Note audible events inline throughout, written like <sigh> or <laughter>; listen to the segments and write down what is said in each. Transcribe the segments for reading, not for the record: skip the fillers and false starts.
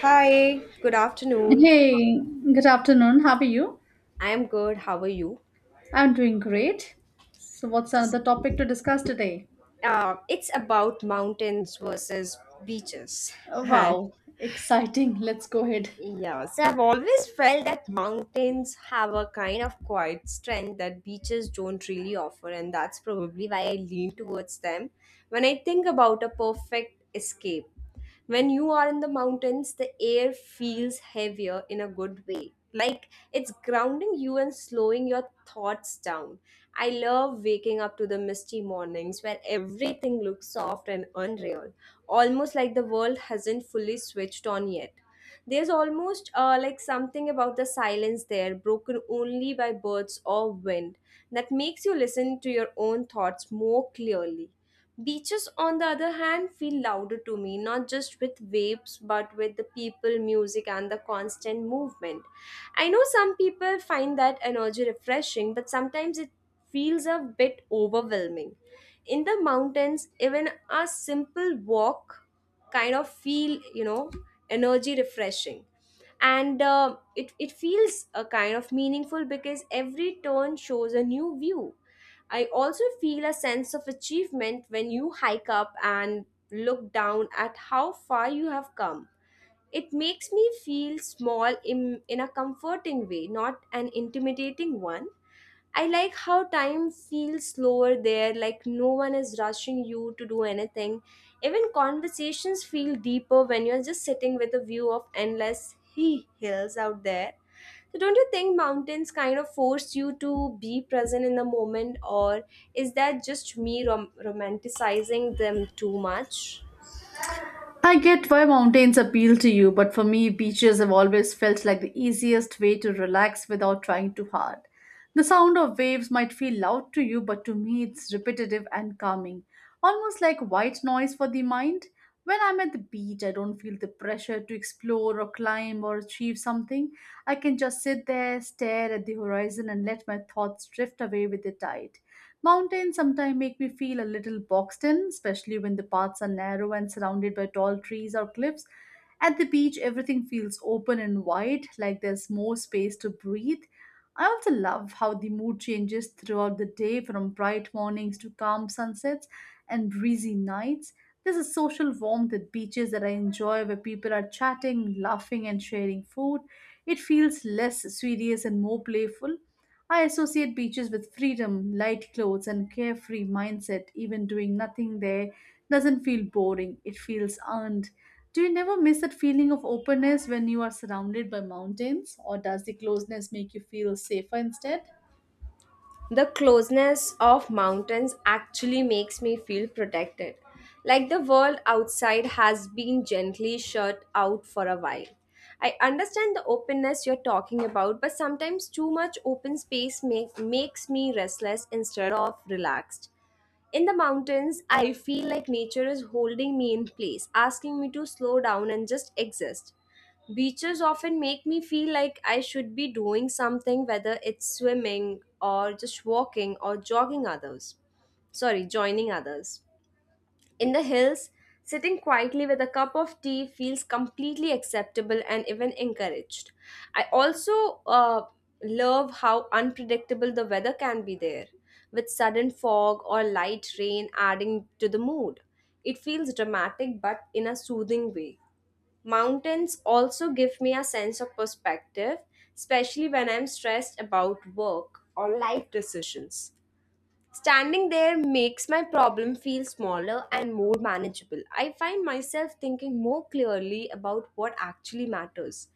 Hi, good afternoon. Hey, good afternoon. How are you? I am good. How are you? I'm doing great. So, what's another topic to discuss today? It's about mountains versus beaches. <laughs> Hi. Wow, exciting. Let's go ahead. Yes, I've always felt that mountains have a kind of quiet strength that beaches don't really offer, and that's probably why I lean towards them when I think about a perfect escape. When you are in the mountains, the air feels heavier in a good way. Like it's grounding you and slowing your thoughts down. I love waking up to the misty mornings where everything looks soft and unreal, almost like the world hasn't fully switched on yet. There's almost like something about the silence there, broken only by birds or wind, that makes you listen to your own thoughts more clearly. Beaches, on the other hand, feel louder to me, not just with waves, but with the people, music, and the constant movement. I know some people find that energy refreshing, but sometimes it feels a bit overwhelming. In the mountains, even a simple walk kind of feel energy refreshing, and it feels a kind of meaningful because every turn shows a new view. I also feel a sense of achievement when you hike up and look down at how far you have come. It makes me feel small in a comforting way, not an intimidating one. I like how time feels slower there, like no one is rushing you to do anything. Even conversations feel deeper when you're just sitting with a view of endless he hills out there. So, don't you think mountains kind of force you to be present in the moment, or is that just me romanticizing them too much? I get why mountains appeal to you, but for me, beaches have always felt like the easiest way to relax without trying too hard. The sound of waves might feel loud to you, but to me, it's repetitive and calming, almost like white noise for the mind. When I'm at the beach, I don't feel the pressure to explore or climb or achieve something. I can just sit there, stare at the horizon, and let my thoughts drift away with the tide. Mountains sometimes make me feel a little boxed in, especially when the paths are narrow and surrounded by tall trees or cliffs. At the beach, everything feels open and wide, like there's more space to breathe. I also love how the mood changes throughout the day from bright mornings to calm sunsets and breezy nights. There's a social warmth at beaches that I enjoy where people are chatting, laughing, and sharing food. It feels less serious and more playful. I associate beaches with freedom, light clothes, and carefree mindset. Even doing nothing there doesn't feel boring, it feels earned. Do you never miss that feeling of openness when you are surrounded by mountains, or does the closeness make you feel safer instead? The closeness of mountains actually makes me feel protected, like the world outside has been gently shut out for a while. I understand the openness you're talking about, but sometimes too much open space makes me restless instead of relaxed. In the mountains, I feel like nature is holding me in place, asking me to slow down and just exist. Beaches often make me feel like I should be doing something, whether it's swimming or just walking or jogging others. Sorry, joining others. In the hills, sitting quietly with a cup of tea feels completely acceptable and even encouraged. I also love how unpredictable the weather can be there, with sudden fog or light rain adding to the mood. It feels dramatic but in a soothing way. Mountains also give me a sense of perspective, especially when I'm stressed about work or life decisions. Standing there makes my problem feel smaller and more manageable. I find myself thinking more clearly about what actually matters.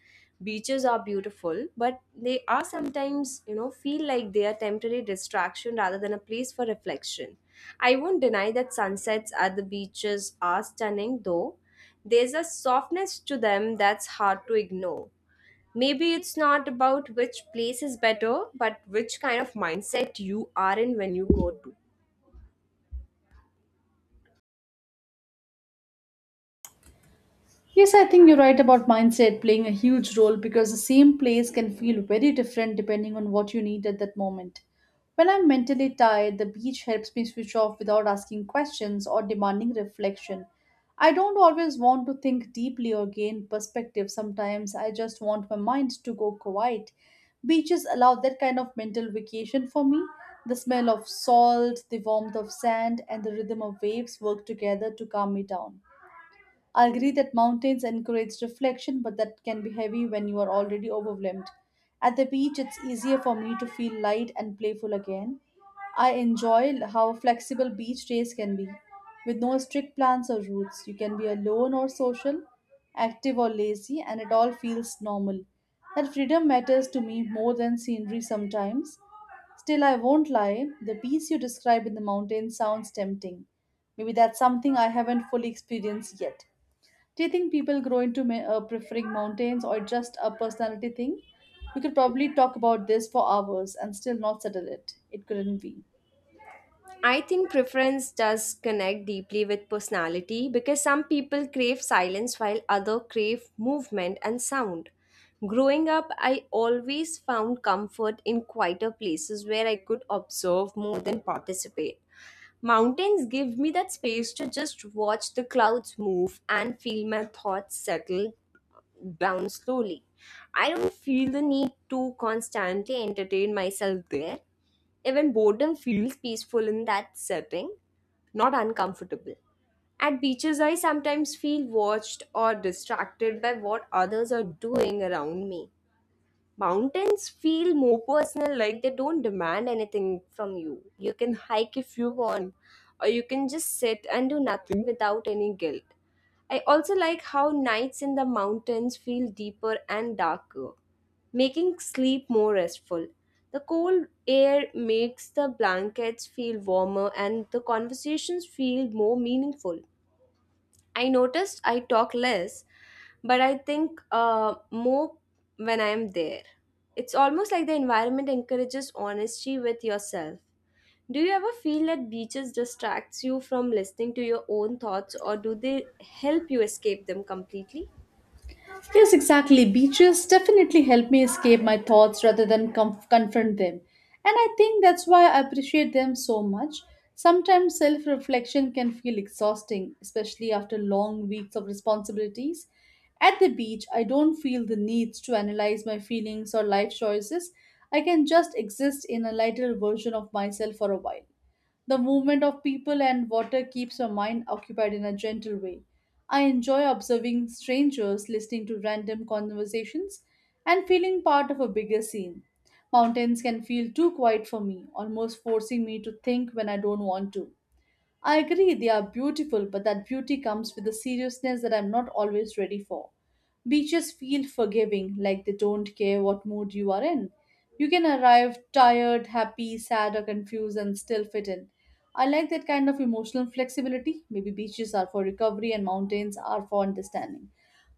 Beaches are beautiful, but they are sometimes, you know, feel like they are temporary distraction rather than a place for reflection. I won't deny that sunsets at the beaches are stunning though. There's a softness to them that's hard to ignore. Maybe it's not about which place is better, but which kind of mindset you are in when you go to. Yes, I think you're right about mindset playing a huge role because the same place can feel very different depending on what you need at that moment. When I'm mentally tired, the beach helps me switch off without asking questions or demanding reflection. I don't always want to think deeply or gain perspective. Sometimes I just want my mind to go quiet. Beaches allow that kind of mental vacation for me. The smell of salt, the warmth of sand, and the rhythm of waves work together to calm me down. I agree that mountains encourage reflection, but that can be heavy when you are already overwhelmed. At the beach, it's easier for me to feel light and playful again. I enjoy how flexible beach days can be. With no strict plans or routes, you can be alone or social, active or lazy, and it all feels normal. That freedom matters to me more than scenery sometimes. Still, I won't lie, the peace you describe in the mountains sounds tempting. Maybe that's something I haven't fully experienced yet. Do you think people grow into preferring mountains or just a personality thing? We could probably talk about this for hours and still not settle it. It couldn't be. I think preference does connect deeply with personality because some people crave silence while others crave movement and sound. Growing up, I always found comfort in quieter places where I could observe more than participate. Mountains give me that space to just watch the clouds move and feel my thoughts settle down slowly. I don't feel the need to constantly entertain myself there. Even boredom feels peaceful in that setting, not uncomfortable. At beaches, I sometimes feel watched or distracted by what others are doing around me. Mountains feel more personal, like they don't demand anything from you. You can hike if you want, or you can just sit and do nothing without any guilt. I also like how nights in the mountains feel deeper and darker, making sleep more restful. The cold air makes the blankets feel warmer and the conversations feel more meaningful. I noticed I talk less, but I think more when I'm there. It's almost like the environment encourages honesty with yourself. Do you ever feel that beaches distracts you from listening to your own thoughts, or do they help you escape them completely? Yes, exactly. Beaches definitely help me escape my thoughts rather than confront them. And I think that's why I appreciate them so much. Sometimes self reflection can feel exhausting, especially after long weeks of responsibilities. At the beach, I don't feel the need to analyze my feelings or life choices. I can just exist in a lighter version of myself for a while. The movement of people and water keeps your mind occupied in a gentle way. I enjoy observing strangers, listening to random conversations, and feeling part of a bigger scene. Mountains can feel too quiet for me, almost forcing me to think when I don't want to. I agree they are beautiful, but that beauty comes with a seriousness that I'm not always ready for. Beaches feel forgiving, like they don't care what mood you are in. You can arrive tired, happy, sad, or confused and still fit in. I like that kind of emotional flexibility. Maybe beaches are for recovery and mountains are for understanding.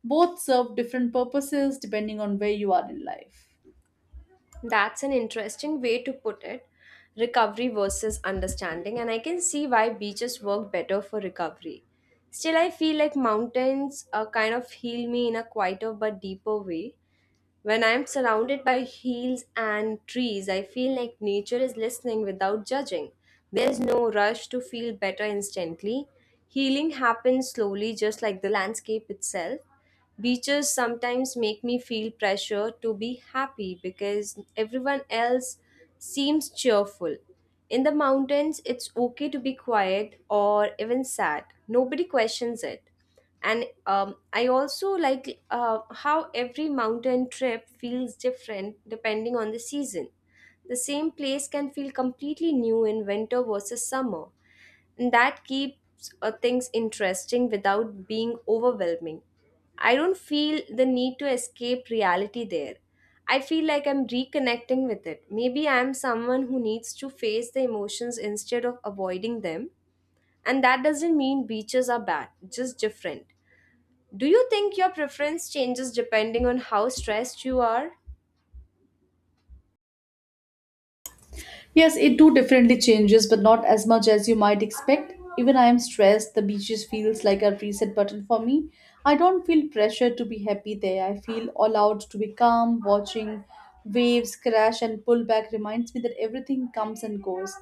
Both serve different purposes depending on where you are in life. That's an interesting way to put it. Recovery versus understanding, and I can see why beaches work better for recovery. Still, I feel like mountains kind of heal me in a quieter but deeper way. When I'm surrounded by hills and trees, I feel like nature is listening without judging. There's no rush to feel better instantly. Healing happens slowly, just like the landscape itself. Beaches sometimes make me feel pressure to be happy because everyone else seems cheerful. In the mountains, it's okay to be quiet or even sad. Nobody questions it. And I also like how every mountain trip feels different depending on the season. The same place can feel completely new in winter versus summer, and that keeps things interesting without being overwhelming. I don't feel the need to escape reality there. I feel like I'm reconnecting with it. Maybe I'm someone who needs to face the emotions instead of avoiding them, and that doesn't mean beaches are bad, just different. Do you think your preference changes depending on how stressed you are? Yes, it too definitely changes, but not as much as you might expect. Even I am stressed, the beaches feels like a reset button for me. I don't feel pressure to be happy there. I feel allowed to be calm, watching waves crash and pull back reminds me that everything comes and goes.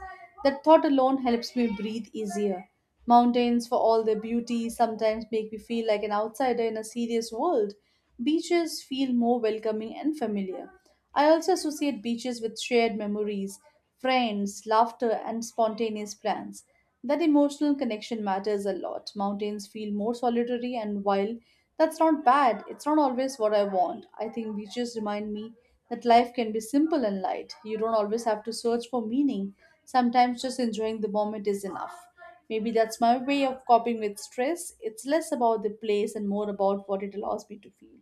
That thought alone helps me breathe easier. Mountains, for all their beauty, sometimes make me feel like an outsider in a serious world. Beaches feel more welcoming and familiar. I also associate beaches with shared memories, friends, laughter, and spontaneous plans. That emotional connection matters a lot. Mountains feel more solitary and wild. That's not bad. It's not always what I want. I think beaches remind me that life can be simple and light. You don't always have to search for meaning. Sometimes just enjoying the moment is enough. Maybe that's my way of coping with stress. It's less about the place and more about what it allows me to feel.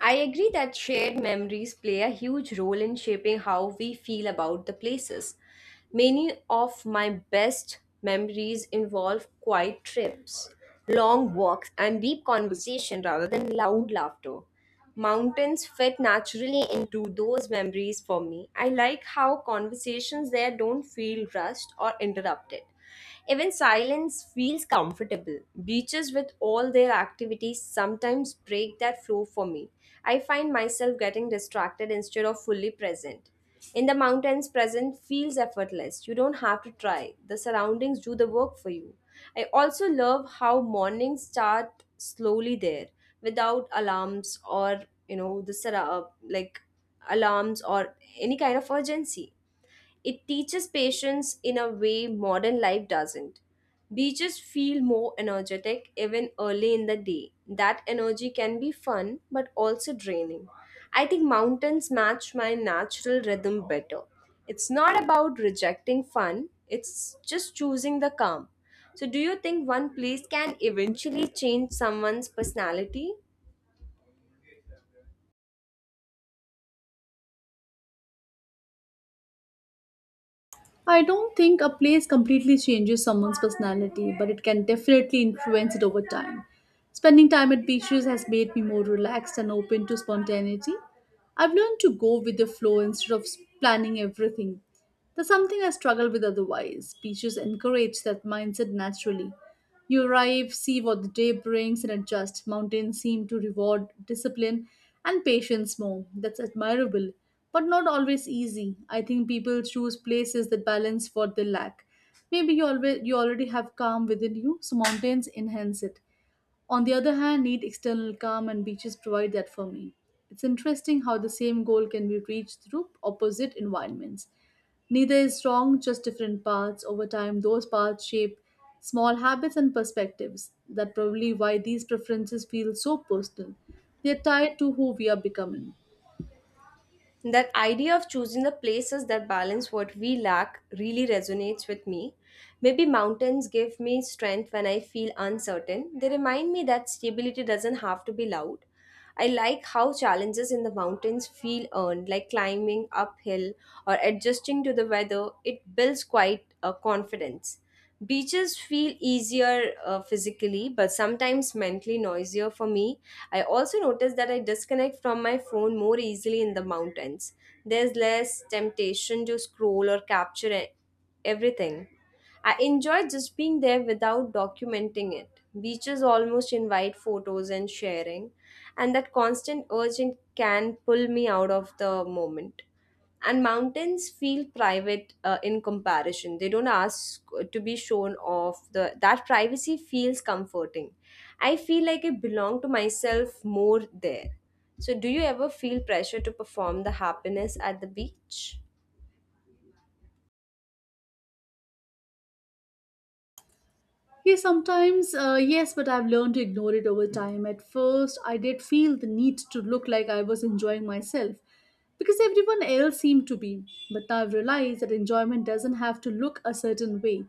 I agree that shared memories play a huge role in shaping how we feel about the places. Many of my best memories involve quiet trips, long walks, and deep conversation rather than loud laughter. Mountains fit naturally into those memories for me. I like how conversations there don't feel rushed or interrupted. Even silence feels comfortable. Beaches, with all their activities, sometimes break that flow for me. I find myself getting distracted instead of fully present. In the mountains, present feels effortless. You don't have to try, the surroundings do the work for you. I also love how mornings start slowly there without alarms or the like alarms or any kind of urgency. It teaches patience in a way modern life doesn't. Beaches feel more energetic even early in the day. That energy can be fun but also draining. I think mountains match my natural rhythm better. It's not about rejecting fun, it's just choosing the calm. So, do you think one place can eventually change someone's personality? I don't think a place completely changes someone's personality, but it can definitely influence it over time. Spending time at beaches has made me more relaxed and open to spontaneity. I've learned to go with the flow instead of planning everything. That's something I struggle with otherwise. Beaches encourage that mindset naturally. You arrive, see what the day brings, and adjust. Mountains seem to reward discipline and patience more. That's admirable, but not always easy. I think people choose places that balance what they lack. Maybe you already have calm within you, so mountains enhance it. On the other hand, need external calm and beaches provide that for me. It's interesting how the same goal can be reached through opposite environments. Neither is wrong, just different paths. Over time, those paths shape small habits and perspectives. That's probably why these preferences feel so personal. They are tied to who we are becoming. That idea of choosing the places that balance what we lack really resonates with me. Maybe mountains give me strength when I feel uncertain. They remind me that stability doesn't have to be loud. I like how challenges in the mountains feel earned, like climbing uphill or adjusting to the weather. It builds quite a confidence. Beaches feel easier physically, but sometimes mentally noisier for me. I also notice that I disconnect from my phone more easily in the mountains. There's less temptation to scroll or capture everything. I enjoy just being there without documenting it. Beaches almost invite photos and sharing, and that constant urging can pull me out of the moment. And mountains feel private in comparison. They don't ask to be shown off. The That privacy feels comforting. I feel like I belong to myself more there. So do you ever feel pressure to perform the happiness at the beach? Yeah, sometimes, yes, but I've learned to ignore it over time. At first, I did feel the need to look like I was enjoying myself because everyone else seemed to be. But now I've realized that enjoyment doesn't have to look a certain way.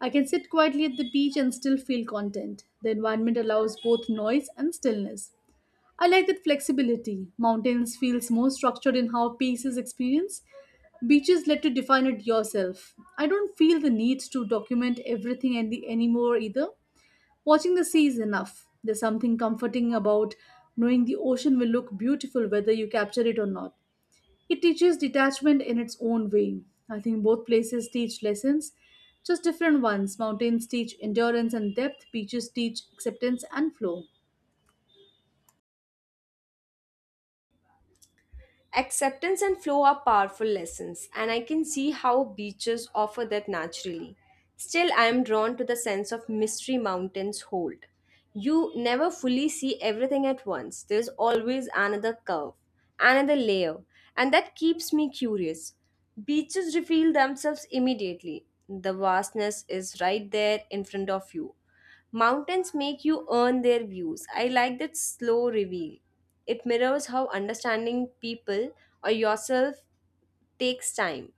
I can sit quietly at the beach and still feel content. The environment allows both noise and stillness. I like that flexibility. Mountains feels more structured in how peace is experienced. Beaches let you define it yourself. I don't feel the need to document everything anymore either. Watching the sea is enough. There's something comforting about knowing the ocean will look beautiful whether you capture it or not. It teaches detachment in its own way. I think both places teach lessons, just different ones. Mountains teach endurance and depth, beaches teach acceptance and flow. Acceptance and flow are powerful lessons, and I can see how beaches offer that naturally. Still, I am drawn to the sense of mystery mountains hold. You never fully see everything at once, there's always another curve, another layer, and that keeps me curious. Beaches reveal themselves immediately. The vastness is right there in front of you. Mountains make you earn their views. I like that slow reveal. It mirrors how understanding people or yourself takes time.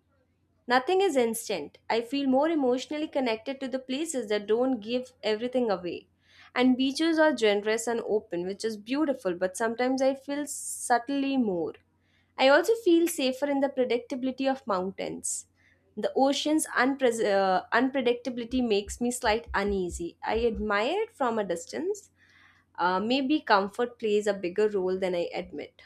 Nothing is instant. I feel more emotionally connected to the places that don't give everything away. And beaches are generous and open, which is beautiful, but sometimes I feel subtly more. I also feel safer in the predictability of mountains. The ocean's unpredictability makes me slight uneasy. I admire it from a distance. Maybe comfort plays a bigger role than I admit.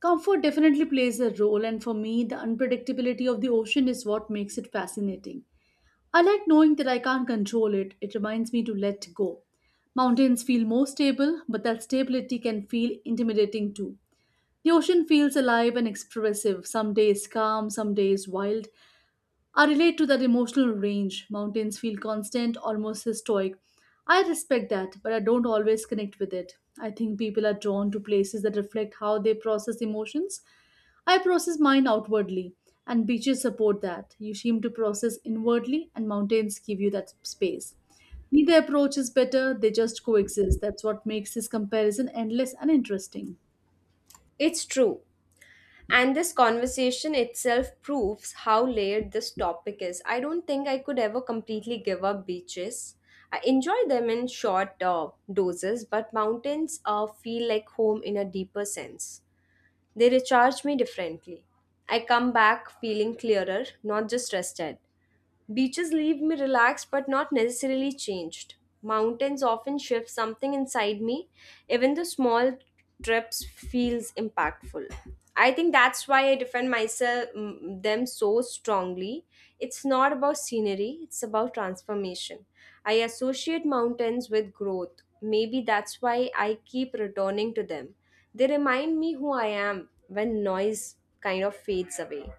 Comfort definitely plays a role, and for me, the unpredictability of the ocean is what makes it fascinating. I like knowing that I can't control it, it reminds me to let go. Mountains feel more stable, but that stability can feel intimidating too. The ocean feels alive and expressive, some days calm, some days wild, I relate to that emotional range. Mountains feel constant, almost historic. I respect that, but I don't always connect with it. I think people are drawn to places that reflect how they process emotions. I process mine outwardly, and beaches support that. You seem to process inwardly, and mountains give you that space. Neither approach is better, they just coexist. That's what makes this comparison endless and interesting. It's true. And this conversation itself proves how layered this topic is. I don't think I could ever completely give up beaches. I enjoy them in short doses, but mountains feel like home in a deeper sense. They recharge me differently. I come back feeling clearer, not just rested. Beaches leave me relaxed but not necessarily changed. Mountains often shift something inside me, even the small trips feels impactful. I think that's why I defend them so strongly. It's not about scenery, it's about transformation. I associate mountains with growth. Maybe that's why I keep returning to them. They remind me who I am when noise kind of fades away.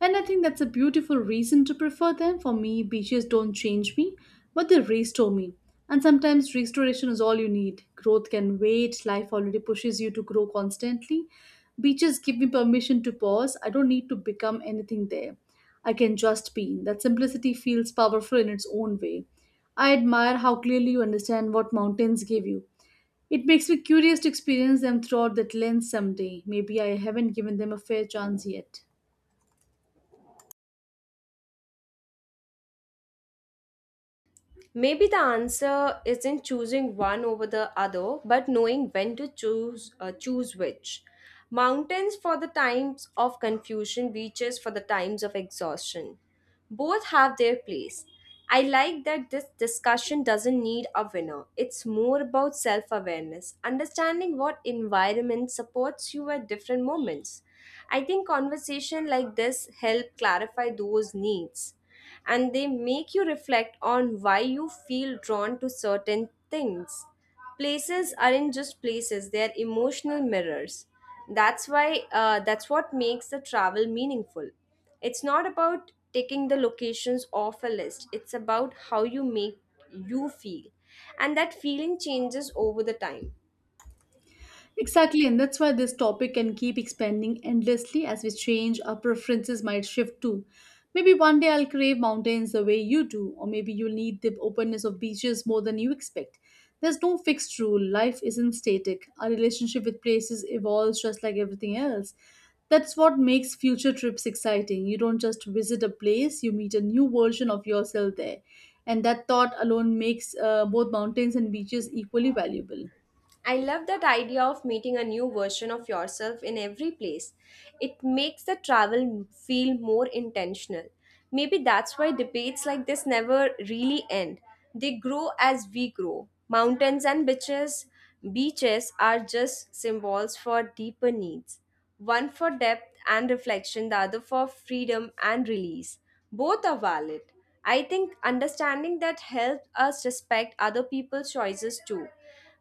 And I think that's a beautiful reason to prefer them. For me, beaches don't change me, but they restore me. And sometimes restoration is all you need. Growth can wait, life already pushes you to grow constantly. Beaches give me permission to pause. I don't need to become anything there. I can just be. That simplicity feels powerful in its own way. I admire how clearly you understand what mountains give you. It makes me curious to experience them throughout that lens someday. Maybe I haven't given them a fair chance yet. Maybe the answer isn't choosing one over the other, but knowing when to choose which. Mountains for the times of confusion, beaches for the times of exhaustion. Both have their place. I like that this discussion doesn't need a winner. It's more about self awareness, understanding what environment supports you at different moments. I think conversation like this help clarify those needs and they make you reflect on why you feel drawn to certain things. Places aren't just places, they are emotional mirrors. That's why that's what makes the travel meaningful. It's not about taking the locations off a list. It's about how you make you feel. And that feeling changes over the time. Exactly, and that's why this topic can keep expanding endlessly as we change, our preferences might shift too. Maybe one day I'll crave mountains the way you do, or maybe you'll need the openness of beaches more than you expect. There's no fixed rule, life isn't static. Our relationship with places evolves just like everything else. That's what makes future trips exciting. You don't just visit a place, you meet a new version of yourself there. And that thought alone makes both mountains and beaches equally valuable. I love that idea of meeting a new version of yourself in every place. It makes the travel feel more intentional. Maybe that's why debates like this never really end. They grow as we grow. Mountains and beaches are just symbols for deeper needs. One for depth and reflection, the other for freedom and release. Both are valid. I think understanding that helps us respect other people's choices too.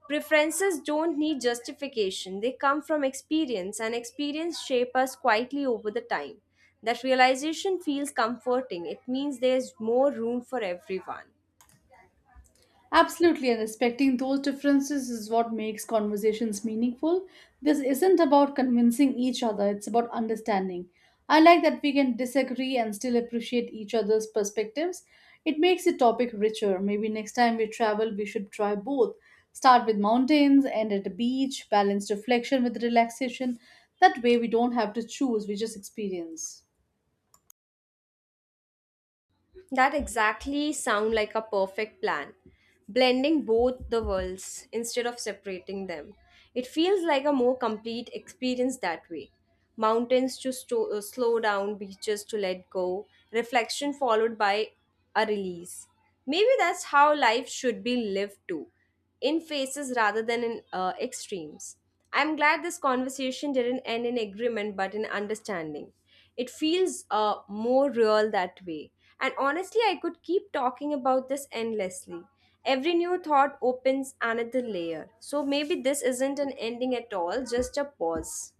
Preferences don't need justification, they come from experience, and experience shape us quietly over the time. That realization feels comforting. It means there's more room for everyone. Absolutely, and respecting those differences is what makes conversations meaningful. This isn't about convincing each other, it's about understanding. I like that we can disagree and still appreciate each other's perspectives. It makes the topic richer. Maybe next time we travel, we should try both. Start with mountains, end at a beach, balance reflection with relaxation. That way, we don't have to choose, we just experience. That exactly sound like a perfect plan. Blending both the worlds instead of separating them. It feels like a more complete experience that way. Mountains to slow down, beaches to let go, reflection followed by a release. Maybe that's how life should be lived too, in phases rather than in extremes. I'm glad this conversation didn't end in agreement but in understanding. It feels more real that way. And honestly, I could keep talking about this endlessly. Every new thought opens another layer. So maybe this isn't an ending at all, just a pause.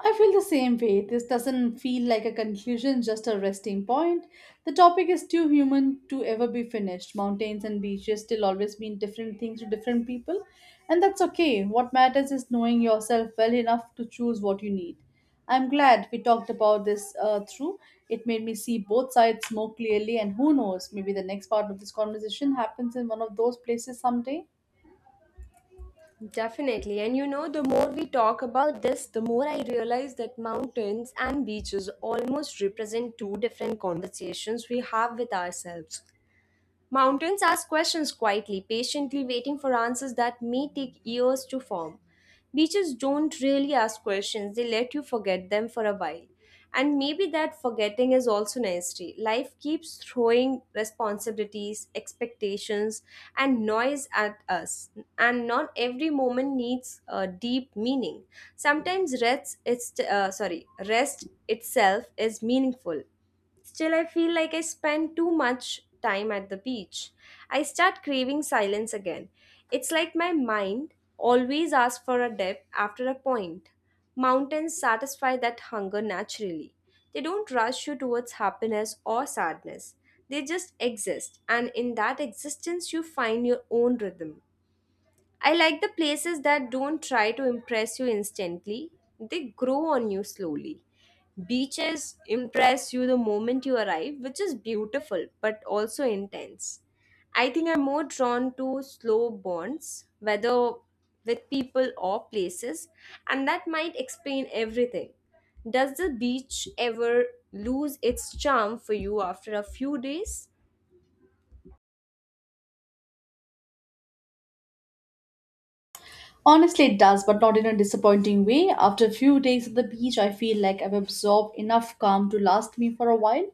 I feel the same way. This doesn't feel like a conclusion, just a resting point. The topic is too human to ever be finished. Mountains and beaches still always mean different things to different people, and that's okay. What matters is knowing yourself well enough to choose what you need. I'm glad we talked about this through. It made me see both sides more clearly, and who knows, maybe the next part of this conversation happens in one of those places someday. Definitely. And you know, the more we talk about this, the more I realize that mountains and beaches almost represent two different conversations we have with ourselves. Mountains ask questions quietly, patiently waiting for answers that may take years to form. Beaches don't really ask questions, they let you forget them for a while. And maybe that forgetting is also nasty. Life keeps throwing responsibilities, expectations, and noise at us. And not every moment needs a deep meaning. Sometimes rest itself is meaningful. Still, I feel like I spend too much time at the beach. I start craving silence again. It's like my mind always asks for a depth after a point. Mountains satisfy that hunger naturally. They don't rush you towards happiness or sadness. They just exist, and in that existence, you find your own rhythm. I like the places that don't try to impress you instantly, they grow on you slowly. Beaches impress you the moment you arrive, which is beautiful but also intense. I think I'm more drawn to slow bonds, whether with people or places, and that might explain everything. Does the beach ever lose its charm for you after a few days? Honestly, it does, but not in a disappointing way. After a few days at the beach, I feel like I've absorbed enough calm to last me for a while.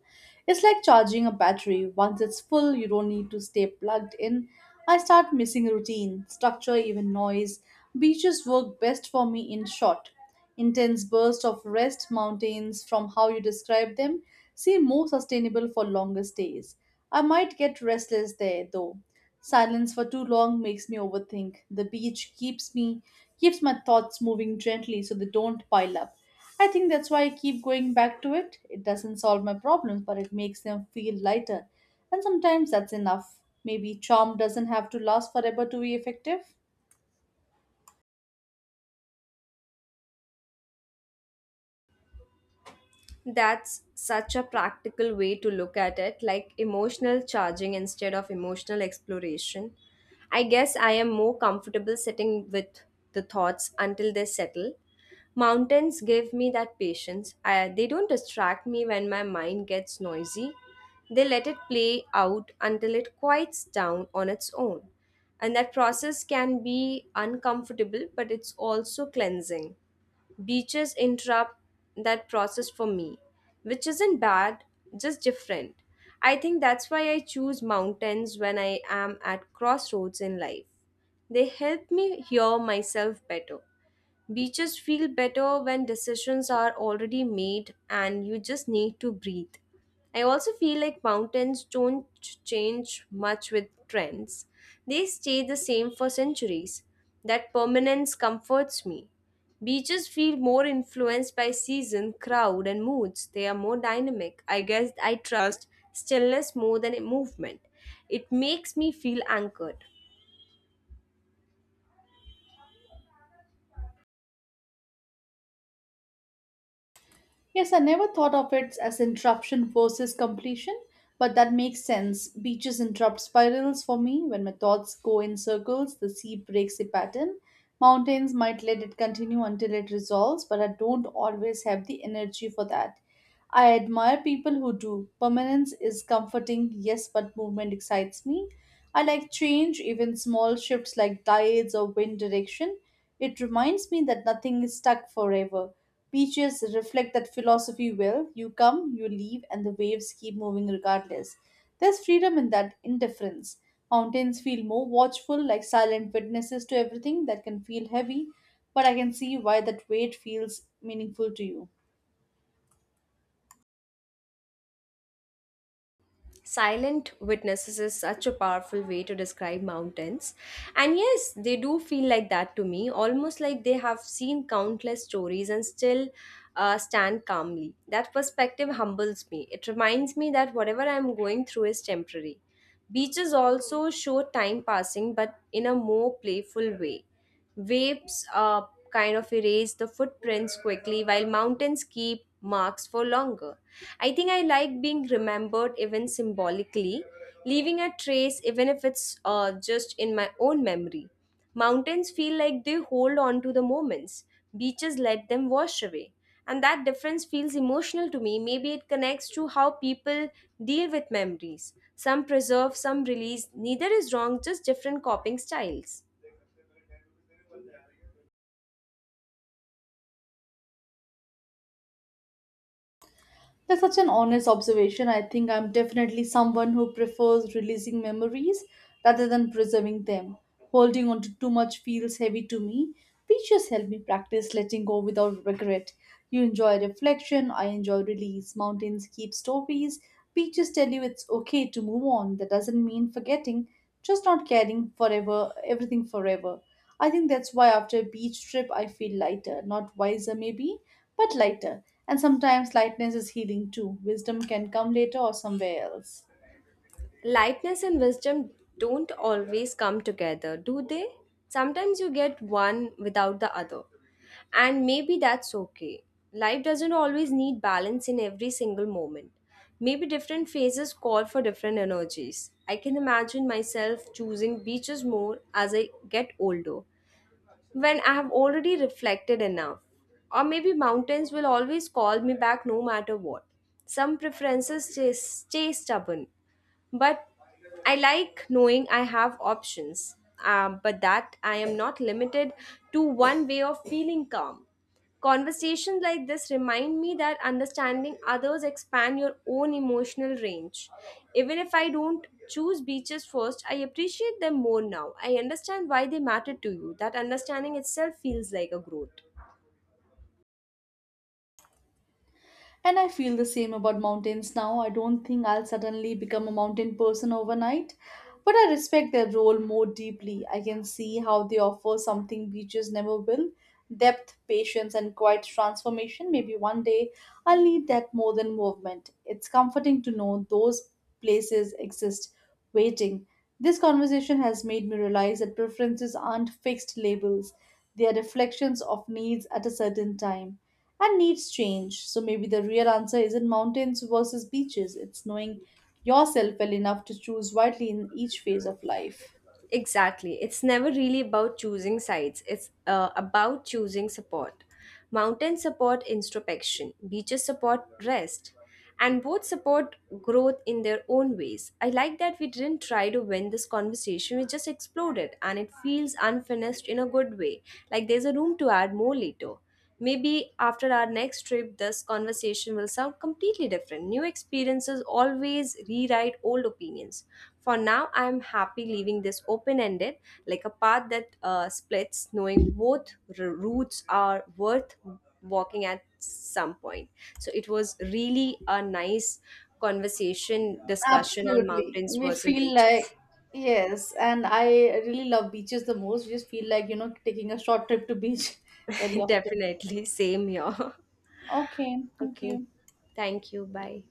It's like charging a battery. Once it's full, you don't need to stay plugged in. I start missing routine, structure, even noise. Beaches work best for me in short. Intense bursts of rest mountains from how you describe them seem more sustainable for longer stays. I might get restless there though. Silence for too long makes me overthink. The beach keeps my thoughts moving gently so they don't pile up. I think that's why I keep going back to it. It doesn't solve my problems, but it makes them feel lighter. And sometimes that's enough. Maybe charm doesn't have to last forever to be effective. That's such a practical way to look at it, like emotional charging instead of emotional exploration. I guess I am more comfortable sitting with the thoughts until they settle. Mountains give me that patience. They don't distract me when my mind gets noisy. They let it play out until it quiets down on its own. And that process can be uncomfortable, but it's also cleansing. Beaches interrupt that process for me, which isn't bad, just different. I think that's why I choose mountains when I am at crossroads in life. They help me hear myself better. Beaches feel better when decisions are already made and you just need to breathe. I also feel like mountains don't change much with trends. They stay the same for centuries. That permanence comforts me. Beaches feel more influenced by season, crowd, and moods. They are more dynamic. I guess I trust stillness more than movement. It makes me feel anchored. Yes, I never thought of it as interruption versus completion, but that makes sense. Beaches interrupt spirals for me. When my thoughts go in circles, the sea breaks the pattern. Mountains might let it continue until it resolves, but I don't always have the energy for that. I admire people who do. Permanence is comforting, yes, but movement excites me. I like change, even small shifts like tides or wind direction. It reminds me that nothing is stuck forever. Beaches reflect that philosophy well. You come, you leave, and the waves keep moving regardless. There's freedom in that indifference. Mountains feel more watchful, like silent witnesses to everything that can feel heavy, but I can see why that weight feels meaningful to you. Silent witnesses is such a powerful way to describe mountains. And yes, they do feel like that to me, almost like they have seen countless stories and still stand calmly. That perspective humbles me. It reminds me that whatever I'm going through is temporary. Beaches also show time passing, but in a more playful way. Waves kind of erase the footprints quickly, while mountains keep marks for longer. I think I like being remembered even symbolically, leaving a trace even if it's just in my own memory. Mountains feel like they hold on to the moments, beaches let them wash away. And that difference feels emotional to me. Maybe it connects to how people deal with memories. Some preserve, some release. Neither is wrong, just different coping styles. That's such an honest observation. I think I'm definitely someone who prefers releasing memories rather than preserving them. Holding on to too much feels heavy to me. Pictures help me practice letting go without regret. You enjoy reflection, I enjoy release. Mountains keep stories. Beaches tell you it's okay to move on. That doesn't mean forgetting, just not carrying forever everything forever. I think that's why after a beach trip I feel lighter, not wiser maybe, but lighter. And sometimes lightness is healing too. Wisdom can come later or somewhere else. Lightness and wisdom don't always come together, do they? Sometimes you get one without the other. And maybe that's okay. Life doesn't always need balance in every single moment. Maybe different phases call for different energies. I can imagine myself choosing beaches more as I get older, when I have already reflected enough. Or maybe mountains will always call me back no matter what. Some preferences stay stubborn, but I like knowing I have options, but that I am not limited to one way of feeling calm. Conversations like this remind me that understanding others expand your own emotional range. Even if I don't choose beaches first, I appreciate them more now. I understand why they matter to you. That understanding itself feels like a growth. And I feel the same about mountains now. I don't think I'll suddenly become a mountain person overnight, but I respect their role more deeply. I can see how they offer something beaches never will depth, patience, and quiet transformation. Maybe one day I'll need that more than movement. It's comforting to know those places exist waiting. This conversation has made me realize that preferences aren't fixed labels, they are reflections of needs at a certain time. And needs change, so maybe the real answer isn't mountains versus beaches, it's knowing yourself well enough to choose wisely in each phase of life. Exactly. It's never really about choosing sides. It's about choosing support. Mountains support introspection, beaches support rest, and both support growth in their own ways. I like that we didn't try to win this conversation, we just explored it, and it feels unfinished in a good way, like there's a room to add more later. Maybe after our next trip, this conversation will sound completely different. New experiences always rewrite old opinions. For now, I am happy leaving this open ended, like a path that splits, knowing both routes are worth walking at some point. So it was really a nice conversation, discussion on Absolutely. mountains We versus feel beaches. like, yes, and I really love beaches the most. We just feel like, you know, taking a short trip to beach <laughs> very <laughs> often. Definitely, same here. Okay, <laughs> thank Okay, you. thank you. Bye.